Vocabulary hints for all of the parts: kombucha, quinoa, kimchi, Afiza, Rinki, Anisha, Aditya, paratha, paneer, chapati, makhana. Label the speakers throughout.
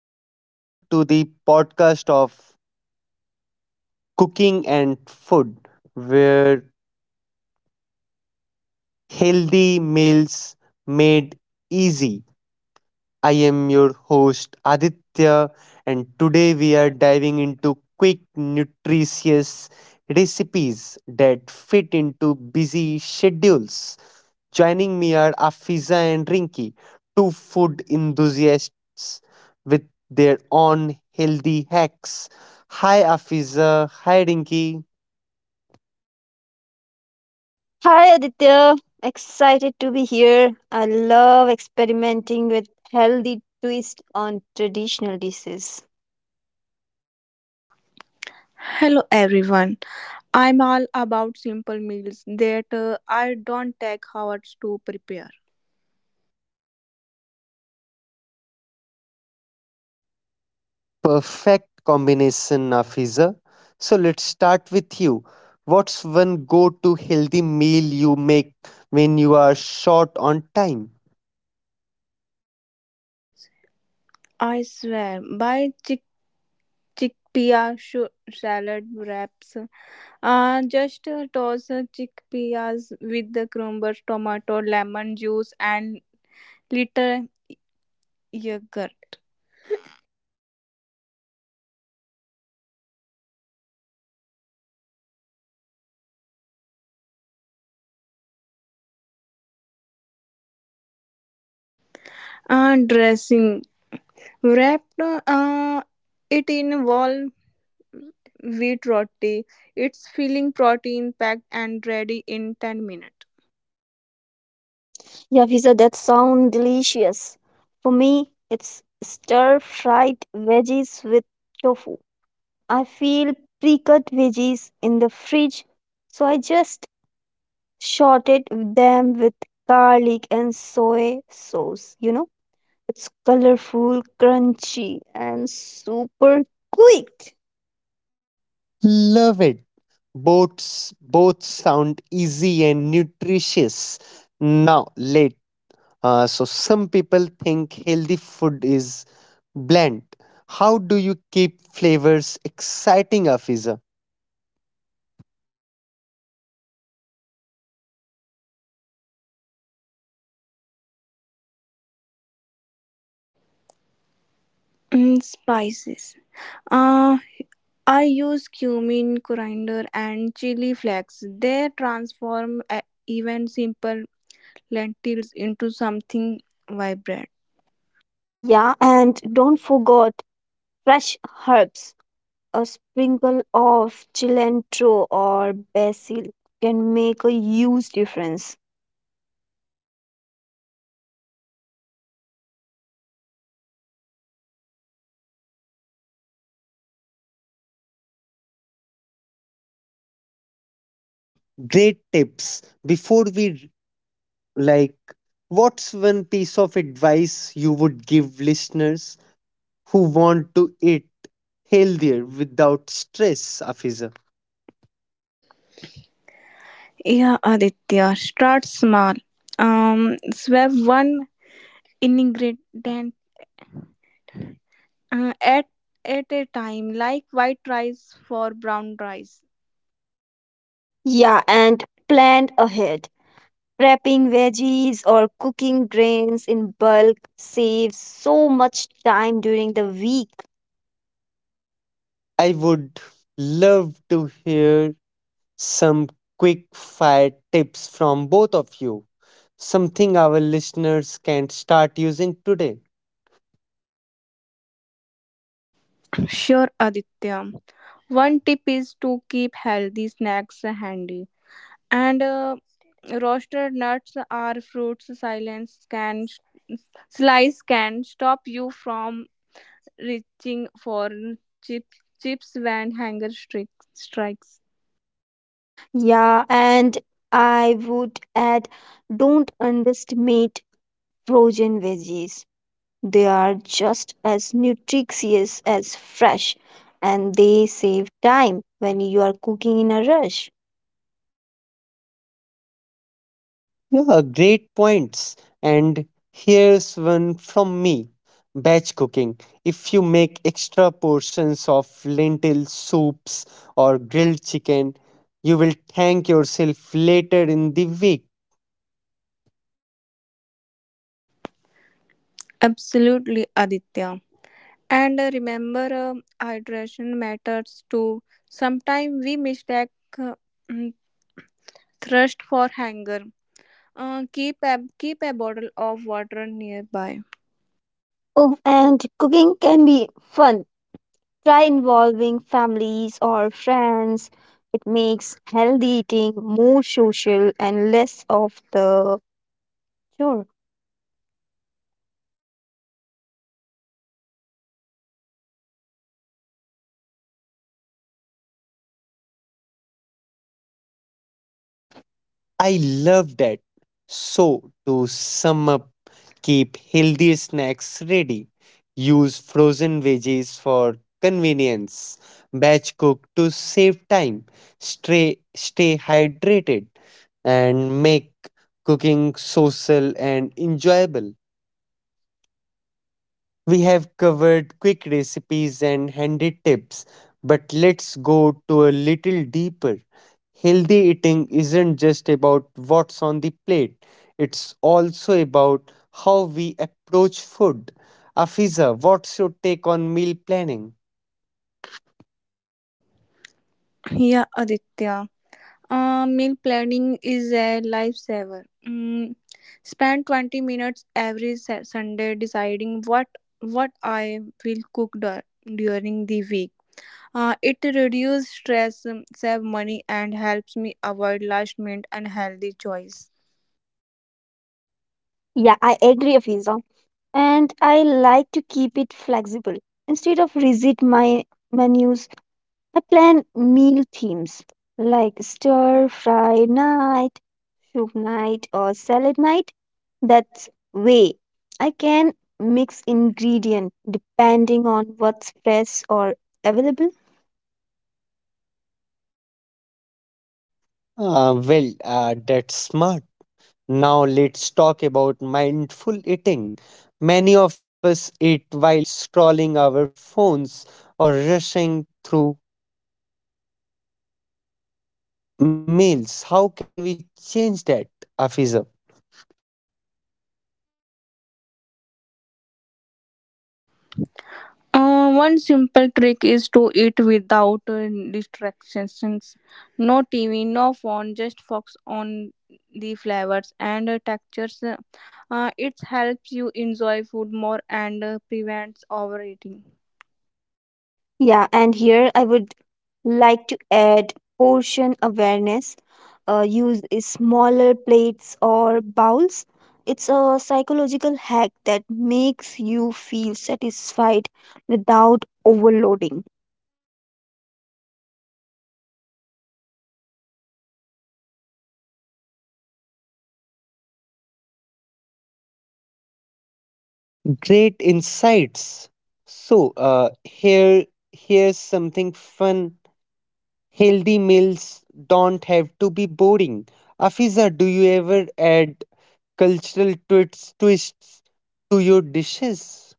Speaker 1: Welcome to the podcast of Cooking and Food, where healthy meals made easy. I am your host Aditya, and today we are diving into quick, nutritious recipes that fit into busy schedules. Joining me are Afiza and Rinki, two food enthusiasts with their own healthy hacks. Hi, Afiza. Hi, Rinki.
Speaker 2: Hi Aditya, excited to be here. I love experimenting with healthy twist on traditional dishes.
Speaker 3: Hello everyone. I'm all about simple meals that I don't take hours to prepare.
Speaker 1: Perfect combination, Nafiza. So let's start with you. What's one go to healthy meal you make when you are short on time?
Speaker 3: I swear by salad wraps. Just toss chickpeas with the crumbs, tomato, lemon juice, and little yogurt. Dressing wrap it in whole wheat roti. It's filling, protein packed, and ready in 10 minutes.
Speaker 2: Yeah, Fiza, that sounds delicious. For me, it's stir-fried veggies with tofu. I feel pre-cut veggies in the fridge, so I just shorted them with garlic and soy sauce, you know? It's colorful, crunchy, and super quick.
Speaker 1: Love it. Both sound easy and nutritious. Now, late. Some people think healthy food is bland. How do you keep flavors exciting, Afiza?
Speaker 3: Mm, spices. Uh, I use cumin, coriander, and chili flakes. They transform even simple lentils into something vibrant.
Speaker 2: Yeah, and don't forget fresh herbs. A sprinkle of cilantro or basil can make a huge difference.
Speaker 1: Great tips. Before we like what's one piece of advice you would give listeners who want to eat healthier without stress, afiza?
Speaker 3: Yeah, Aditya, start small. Swap one ingredient uh, at at a time, like white rice for brown rice.
Speaker 2: Yeah, and plan ahead. Prepping veggies or cooking grains in bulk saves so much time during the week.
Speaker 1: I would love to hear some quick fire tips from both of you, something our listeners can start using today.
Speaker 3: Sure, Aditya. One tip is to keep healthy snacks handy and roasted nuts are fruits silence can slice can stop you from reaching for chip, chips when hunger strikes.
Speaker 2: Yeah, and I would add, don't underestimate frozen veggies. They are just as nutritious as fresh and they save time when you are cooking in a rush.
Speaker 1: Yeah, great points. And here's one from me, batch cooking. If you make extra portions of lentil soups or grilled chicken, you will thank yourself later in the week.
Speaker 3: Absolutely, Aditya. And remember, hydration matters too. Sometimes we mistake uh, mm, thirst for hunger. Keep a bottle of water nearby.
Speaker 2: Oh, and cooking can be fun. Try involving families or friends. It makes healthy eating more social and less of the chore.
Speaker 1: I love that. So, to sum up, keep healthy snacks ready. Use frozen veggies for convenience. Batch cook to save time. Stay hydrated and make cooking social and enjoyable. We have covered quick recipes and handy tips, but let's go to a little deeper. Healthy eating isn't just about what's on the plate, it's also about how we approach food. Afiza, what's your take on meal planning?
Speaker 3: Yeah, Aditya. Meal planning is a lifesaver. Mm, spend 20 minutes every Sunday deciding what I will cook during the week. It reduces stress, save money, and helps me avoid last minute unhealthy choice.
Speaker 2: Yeah, I agree, Afiza. And I like to keep it flexible. Instead of rigid my menus, I plan meal themes like stir fry night, soup night, or salad night. That's way I can mix ingredient depending on what's fresh or available.
Speaker 1: That's smart. Now let's talk about mindful eating. Many of us eat while scrolling our phones or rushing through meals. How can we change that, Afisa?
Speaker 3: One simple trick is to eat without distractions. No TV, no phone, just focus on the flavors and textures. It helps you enjoy food more and prevents overeating.
Speaker 2: Yeah, and here I would like to add portion awareness. Use is smaller plates or bowls. It's a psychological hack that makes you feel satisfied without overloading.
Speaker 1: Great insights. So, uh, here Here's something fun. Healthy meals don't have to be boring. Afiza, do you ever add cultural twists to your dishes?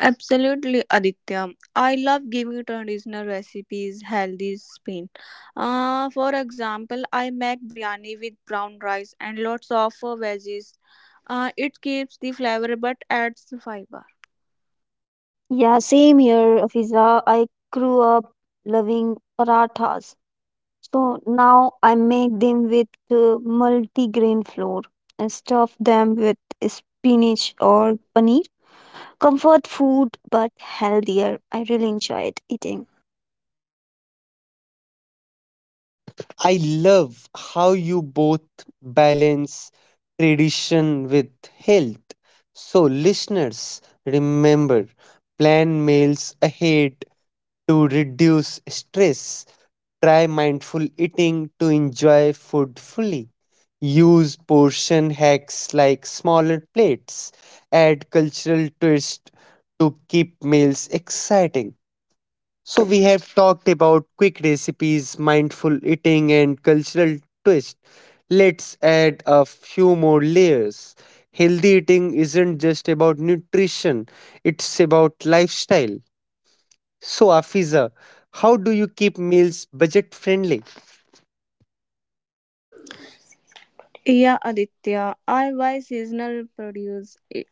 Speaker 3: Absolutely, Aditya. I love giving traditional recipes healthy spin. For example, I make biryani with brown rice and lots of veggies. It keeps the flavor but adds fiber.
Speaker 2: Yeah, same here, Fiza. I grew up loving parathas. So now I make them with multigrain flour and stuff them with spinach or paneer. Comfort food, but healthier. I really enjoyed eating.
Speaker 1: I love how you both balance tradition with health. So, listeners, remember plan meals ahead to reduce stress. Try mindful eating to enjoy food fully. Use portion hacks like smaller plates. Add cultural twist to keep meals exciting. So, we have talked about quick recipes, mindful eating, and cultural twist. Let's add a few more layers. Healthy eating isn't just about nutrition, it's about lifestyle. So, Afiza, how do you keep meals budget friendly?
Speaker 3: Yeah, Aditya, I buy seasonal produce. I-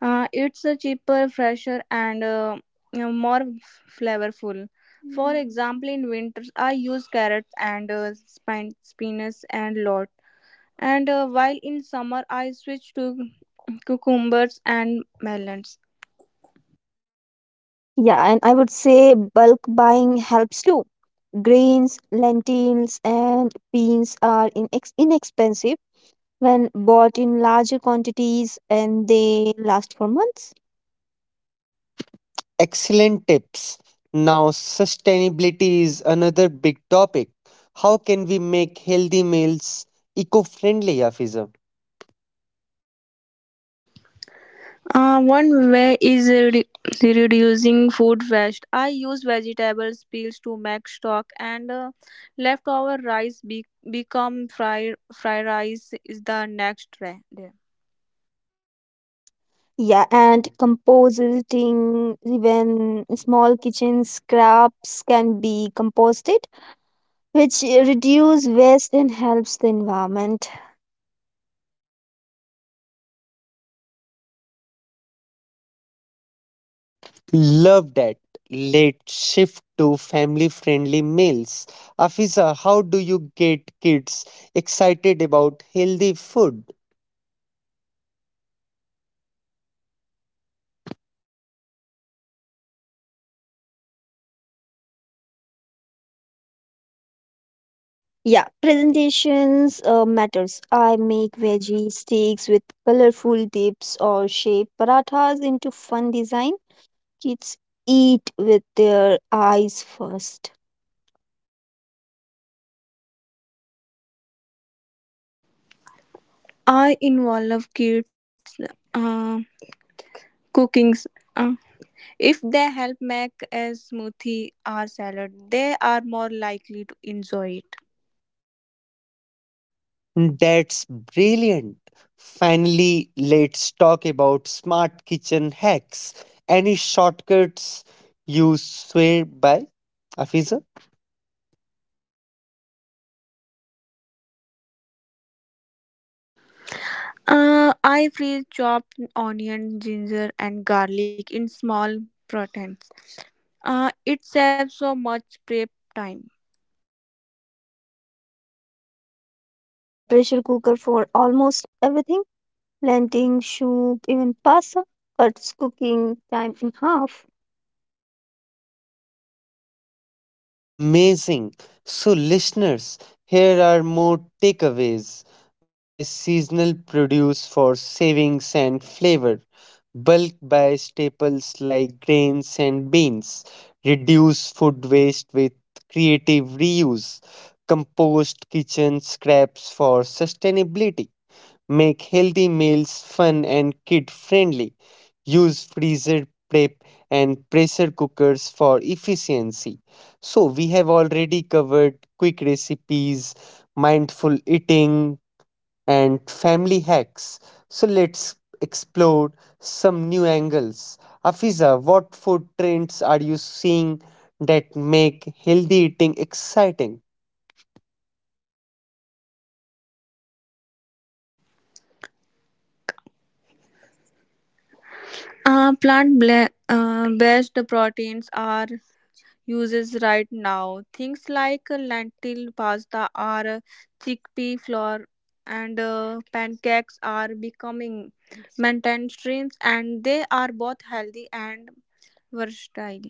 Speaker 3: It's a cheaper, fresher, and more flavorful. For example, in winters, I use carrots and spinach and lot. And while in summer, I switch to cucumbers and melons.
Speaker 2: Yeah, and I would say bulk buying helps too. Grains, lentils, and beans are inexpensive when bought in larger quantities and they last for months.
Speaker 1: Excellent tips. Now, sustainability is another big topic. How can we make healthy meals eco friendly, Afiza?
Speaker 3: One way is reducing food waste. I use vegetable peels to make stock, and leftover rice become fried rice is the next day.
Speaker 2: Yeah, and composting, even small kitchen scraps can be composted, which reduce waste and helps the environment.
Speaker 1: Love that. Let's shift to family friendly meals. Afiza, how do you get kids excited about healthy food?
Speaker 2: Yeah, presentations matters. I make veggie steaks with colorful dips or shape parathas into fun design. Kids eat with their eyes first.
Speaker 3: I involve kids uh, cookings. Uh, if they help make a smoothie or salad, they are more likely to enjoy it.
Speaker 1: That's brilliant. Finally, let's talk about smart kitchen hacks. Any shortcuts you swear by, Afiza?
Speaker 3: I freeze chopped onion, ginger, and garlic in small portions. It saves so much prep time.
Speaker 2: I use a pressure cooker for almost everything. Planting soup, even pasta cuts cooking time in half.
Speaker 1: Amazing. So, listeners, here are more takeaways. Buy seasonal produce for savings and flavor. Bulk buy staples like grains and beans. Reduce food waste with creative reuse. Compost kitchen scraps for sustainability. Make healthy meals fun and kid friendly. Use freezer prep and pressure cookers for efficiency. So, we have already covered quick recipes, mindful eating, and family hacks. So, let's explore some new angles. Afiza, what food trends are you seeing that make healthy eating exciting?
Speaker 3: Based proteins are uses right now. Things like lentil pasta or chickpea flour and pancakes are becoming maintained streams and they are both healthy and versatile.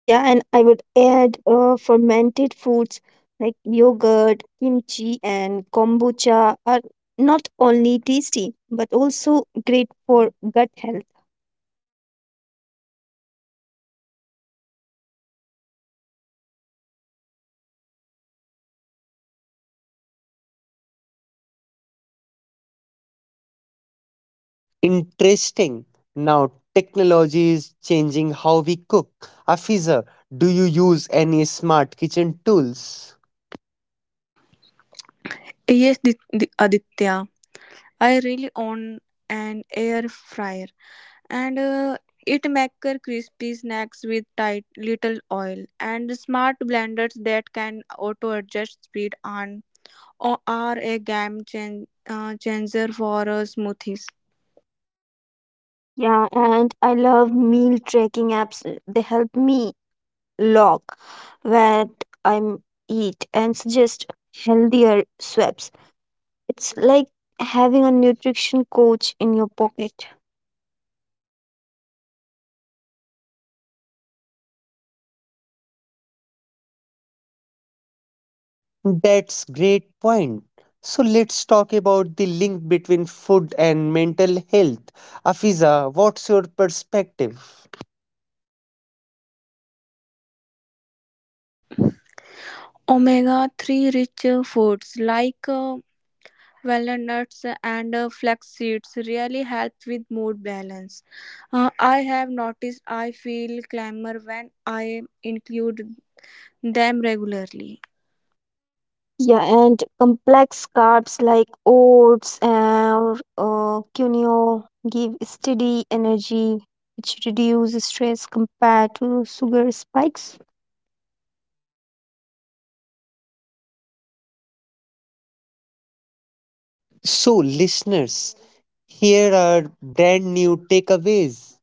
Speaker 2: Yeah, and I would add fermented foods like yogurt, kimchi, and kombucha are not only tasty but also great for gut health.
Speaker 1: Interesting. Now, technology is changing how we cook. Afiza, do you use any smart kitchen tools?
Speaker 3: Yes, Aditya. I really own an air fryer. And it maker crispy snacks with tight little oil and smart blenders that can auto adjust speed on or are a game changer for smoothies.
Speaker 2: Yeah, and I love meal tracking apps. They help me log what I'm eat and suggest healthier swaps. It's like having a nutrition coach in your pocket.
Speaker 1: That's great point. So let's talk about the link between food and mental health. Afiza, what's your perspective?
Speaker 3: Omega 3 rich foods like walnuts and flax seeds really help with mood balance. I have noticed I feel calmer when I include them regularly.
Speaker 2: Yeah, and complex carbs like oats and quinoa give steady energy, which reduce stress compared to sugar spikes.
Speaker 1: So, listeners, here are brand new takeaways.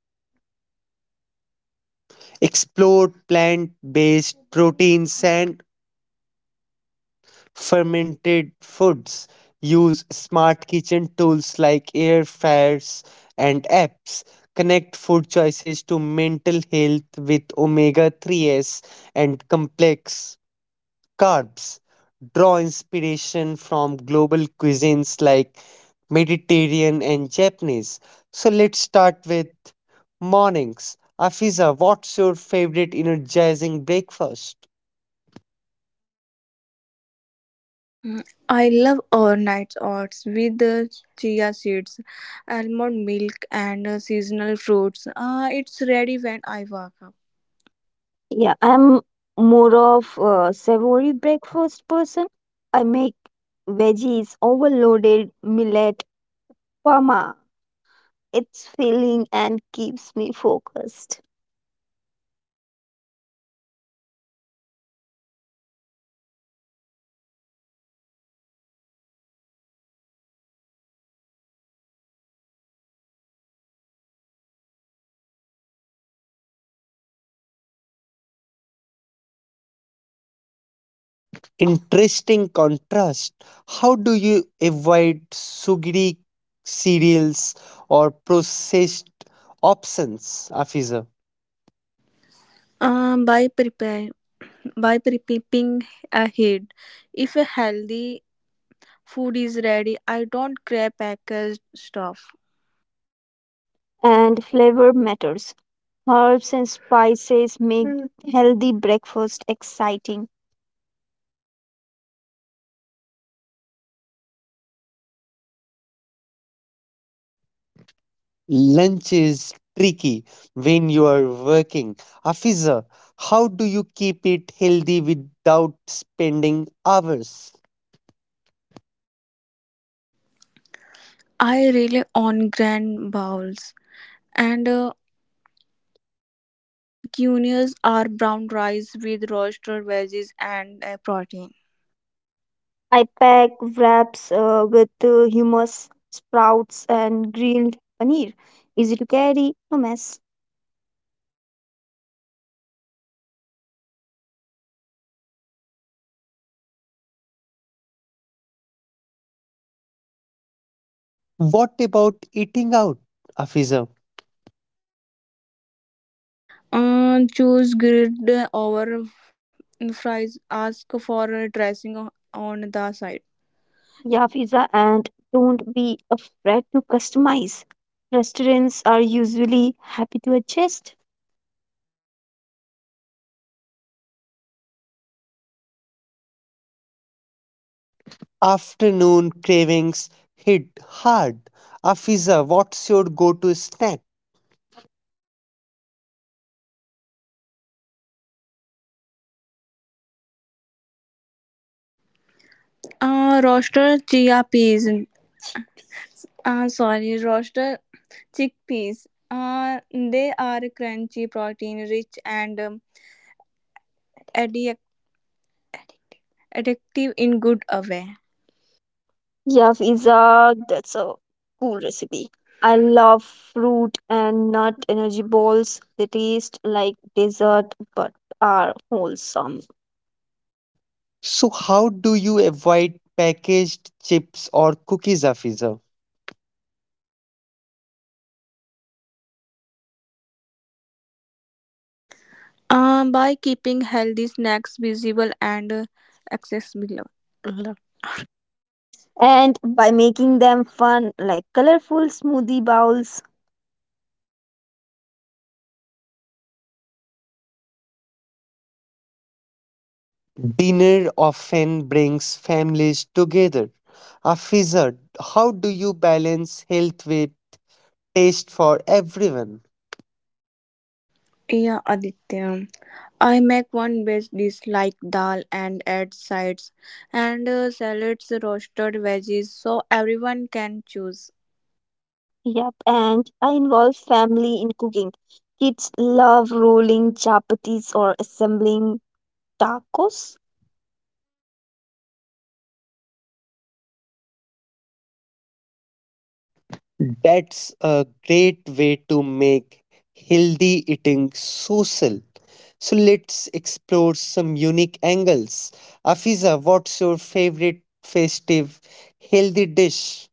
Speaker 1: Explore plant based proteins and fermented foods, use smart kitchen tools like air fryers and apps. Connect food choices to mental health with omega 3s and complex carbs. Draw inspiration from global cuisines like Mediterranean and Japanese. So let's start with mornings. Afiza, what's your favorite energizing breakfast?
Speaker 3: Mm, I love overnight oats with chia seeds, almond milk, and seasonal fruits. It's ready when I wake up.
Speaker 2: Yeah, I'm more of a savory breakfast person. I make veggies overloaded millet parma. It's filling and keeps me focused.
Speaker 1: Interesting contrast. How do you avoid sugary cereals or processed options, Afiza?
Speaker 3: Uh, by prepare by prepping ahead, if a healthy food is ready, I don't grab packaged stuff.
Speaker 2: And flavor matters. Herbs and spices make Mm. healthy breakfast exciting.
Speaker 1: Lunch is tricky when you are working. Afiza, how do you keep it healthy without spending hours?
Speaker 3: I rely on grand bowls and cuneas are brown rice with roasted veggies and protein.
Speaker 2: I pack wraps with hummus, sprouts, and grilled paneer. Easy to carry, no mess.
Speaker 1: What about eating out, Afiza?
Speaker 3: Choose grid over fries. Ask for a dressing on the side.
Speaker 2: Yeah, pizza, and don't be afraid to customize. Restaurants are usually happy to adjust.
Speaker 1: Afternoon cravings hit hard. Afiza, what's your go to snack?
Speaker 3: Roaster chia peas. Sorry, roaster chickpeas. They are crunchy, protein rich, and addic- addictive in good a way.
Speaker 2: Yeah, pizza, that's a cool recipe. I love fruit and nut energy balls. They taste like dessert but are wholesome.
Speaker 1: So, how do you avoid packaged chips or cookies, Afiza?
Speaker 3: By keeping healthy snacks visible and accessible.
Speaker 2: And by making them fun, like colorful smoothie bowls.
Speaker 1: Dinner often brings families together. Afiza, how do you balance health with taste for everyone?
Speaker 3: Yeah, Aditya. I make one base dish like dal and add sides and salads, roasted veggies, so everyone can choose.
Speaker 2: Yep, and I involve family in cooking. Kids love rolling chapatis or assembling tacos.
Speaker 1: That's a great way to make healthy eating social. So, let's explore some unique angles. Afiza, what's your favorite festive healthy dish?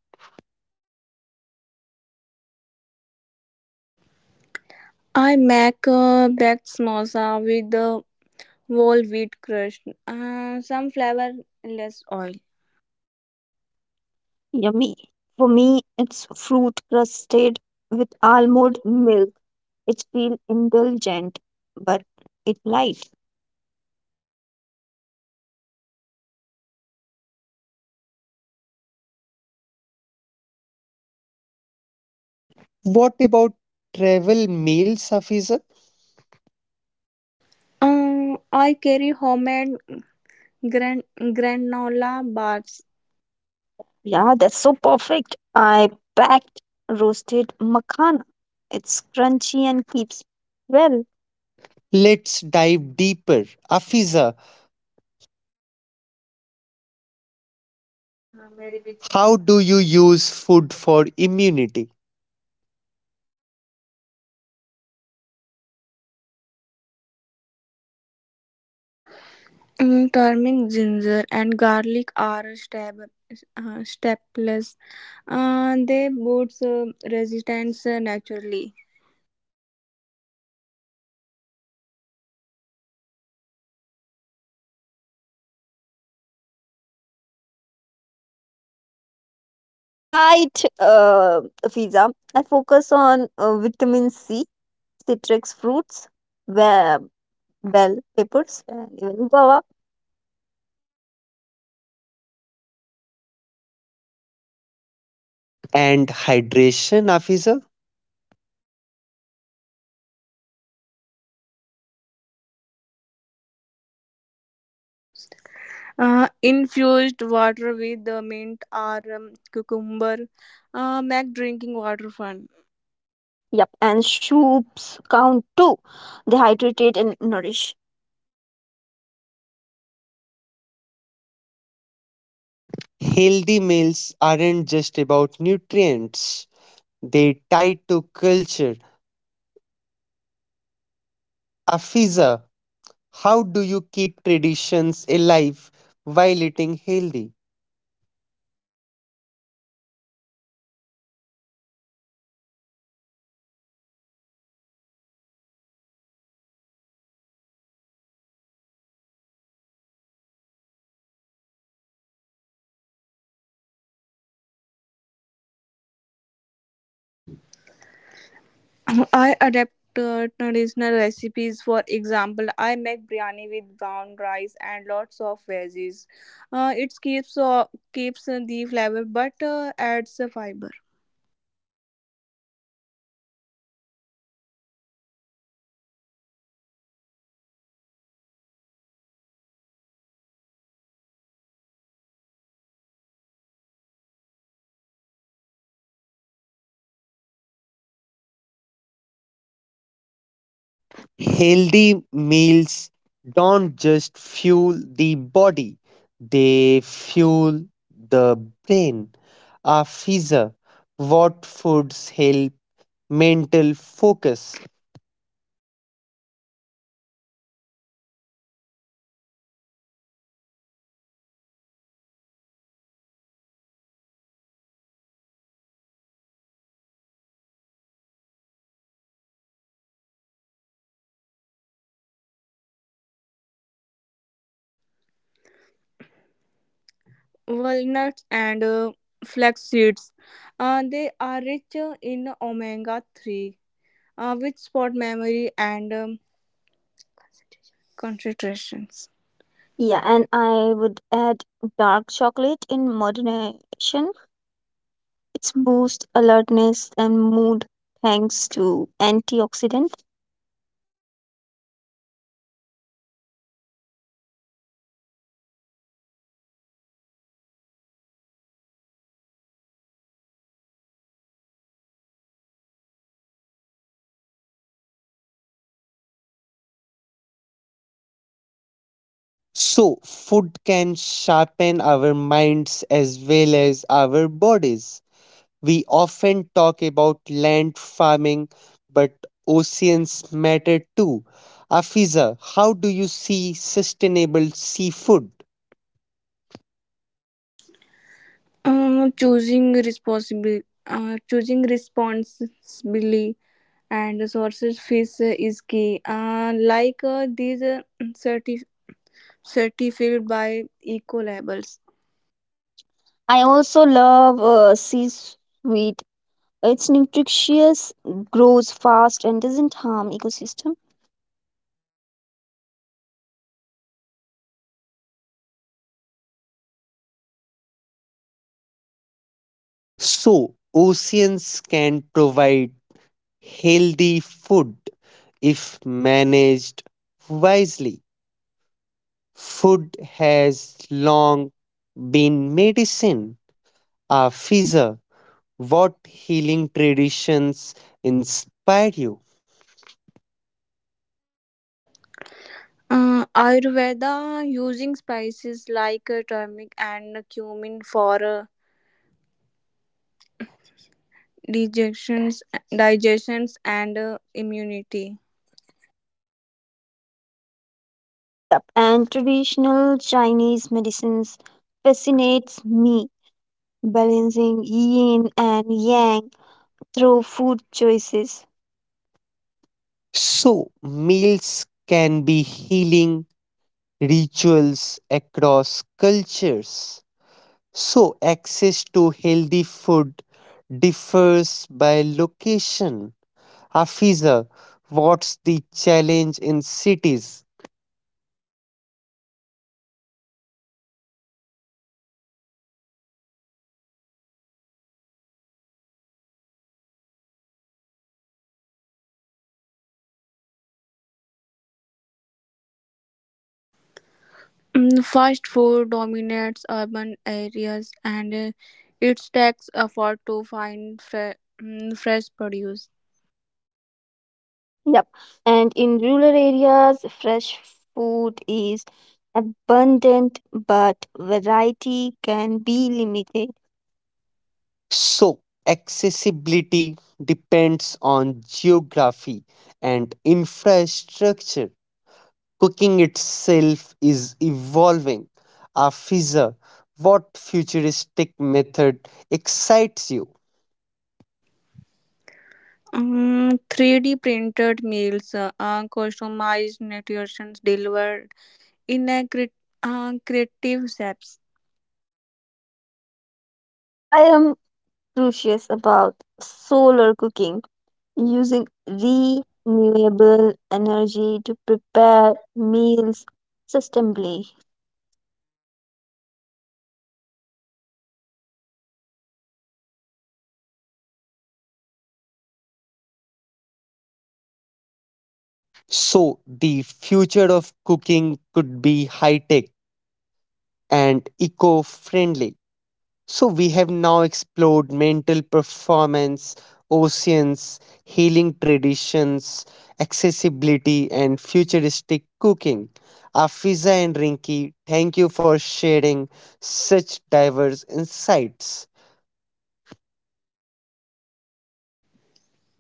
Speaker 3: I make baked samosa with whole wheat crust, some flavorless oil.
Speaker 2: Yummy. For me, it's fruit crusted with almond milk. It feels indulgent, but it light.
Speaker 1: What about travel meals, Afiza?
Speaker 3: I carry homemade granola bars.
Speaker 2: Yeah, that's so perfect. I packed roasted makhana. It's crunchy and keeps well.
Speaker 1: Let's dive deeper. Afiza, how do you use food for immunity
Speaker 3: Mm, turmeric, ginger, and garlic are staples. They boost resistance naturally.
Speaker 2: Focus. Right, Fiza. I focus on vitamin C citrus fruits, well, bell peppers, and even guava.
Speaker 1: and hydration, Afiza?
Speaker 3: Infused water with the mint or cucumber make drinking water fun.
Speaker 2: Yep, and soups count too. They hydrate and nourish.
Speaker 1: Healthy meals aren't just about nutrients, they tie to culture. Afiza, how do you keep traditions alive while eating healthy?
Speaker 3: I adapt traditional recipes. For example, I make biryani with brown rice and lots of veggies. It keeps the flavor but adds the fiber.
Speaker 1: Healthy meals don't just fuel the body, they fuel the brain. Afiza, what foods help mental focus?
Speaker 3: Walnuts and flax seeds. They are rich in omega 3, which support memory and concentrations.
Speaker 2: Yeah,
Speaker 3: Yeah, and
Speaker 2: and I would add dark chocolate in moderation. It's boost alertness and mood thanks to antioxidant.
Speaker 1: So, food can sharpen our minds as well as our bodies. We often talk about land farming, but oceans matter too. Afiza, how do you see sustainable seafood?
Speaker 3: Um, choosing responsibly, choosing responsibly and sources fish is key. Like these certi- certified by eco labels.
Speaker 2: I also love sea sweet. It's nutritious, grows fast, and doesn't harm ecosystem.
Speaker 1: So, oceans can provide healthy food if managed wisely. Food has long been medicine. Afiza, what healing traditions inspire you?
Speaker 3: Ayurveda using spices like turmeric and cumin for digestions, digestions and immunity.
Speaker 2: Yep, and traditional Chinese medicines fascinates me, balancing yin and yang through food choices.
Speaker 1: So, meals can be healing rituals across cultures. So, access to healthy food differs by location. Hafiza, what's the challenge in cities?
Speaker 3: Mm, fast food dominates urban areas and it takes effort to find fresh produce.
Speaker 2: Yep, and in rural areas, fresh food is abundant, but variety can be limited.
Speaker 1: So, accessibility depends on geography and infrastructure. Cooking itself is evolving. Afiza, what futuristic method excites you?
Speaker 3: Mm, 3D printed meals, customized nutrition delivered in a creative steps.
Speaker 2: I am curious about solar cooking, using renewable energy to prepare meals sustainably.
Speaker 1: So, the future of cooking could be high tech and eco friendly. So, we have now explored mental performance, oceans, healing traditions, accessibility, and futuristic cooking. Afiza and Rinki, thank you for sharing such diverse insights.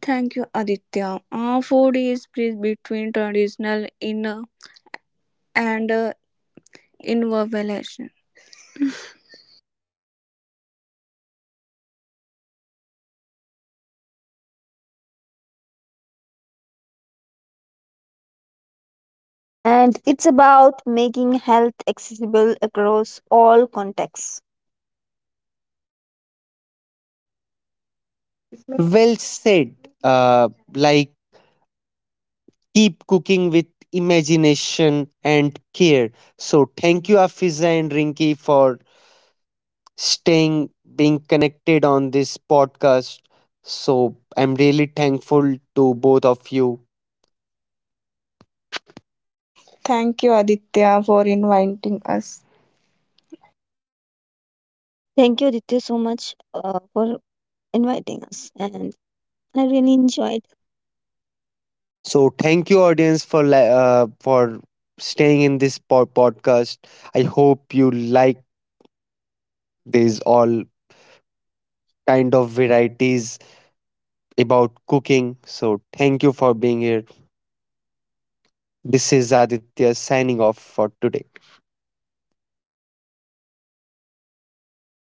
Speaker 3: Thank you, Aditya. Food is bridge between traditional in and innovation.
Speaker 2: And it's about making health accessible across all contexts.
Speaker 1: Well said. Uh, like, Keep cooking with imagination and care. So, thank you, Afiza and Rinki, for staying being connected on this podcast. So I'm really thankful to both of you.
Speaker 3: Thank you, Aditya, for inviting us.
Speaker 2: Thank you, Ditya, so much for inviting us, and I really enjoyed.
Speaker 1: So thank you audience for for staying in this podcast. I hope you like these all kind of varieties about cooking. So thank you for being here. This is Aditya signing off for today.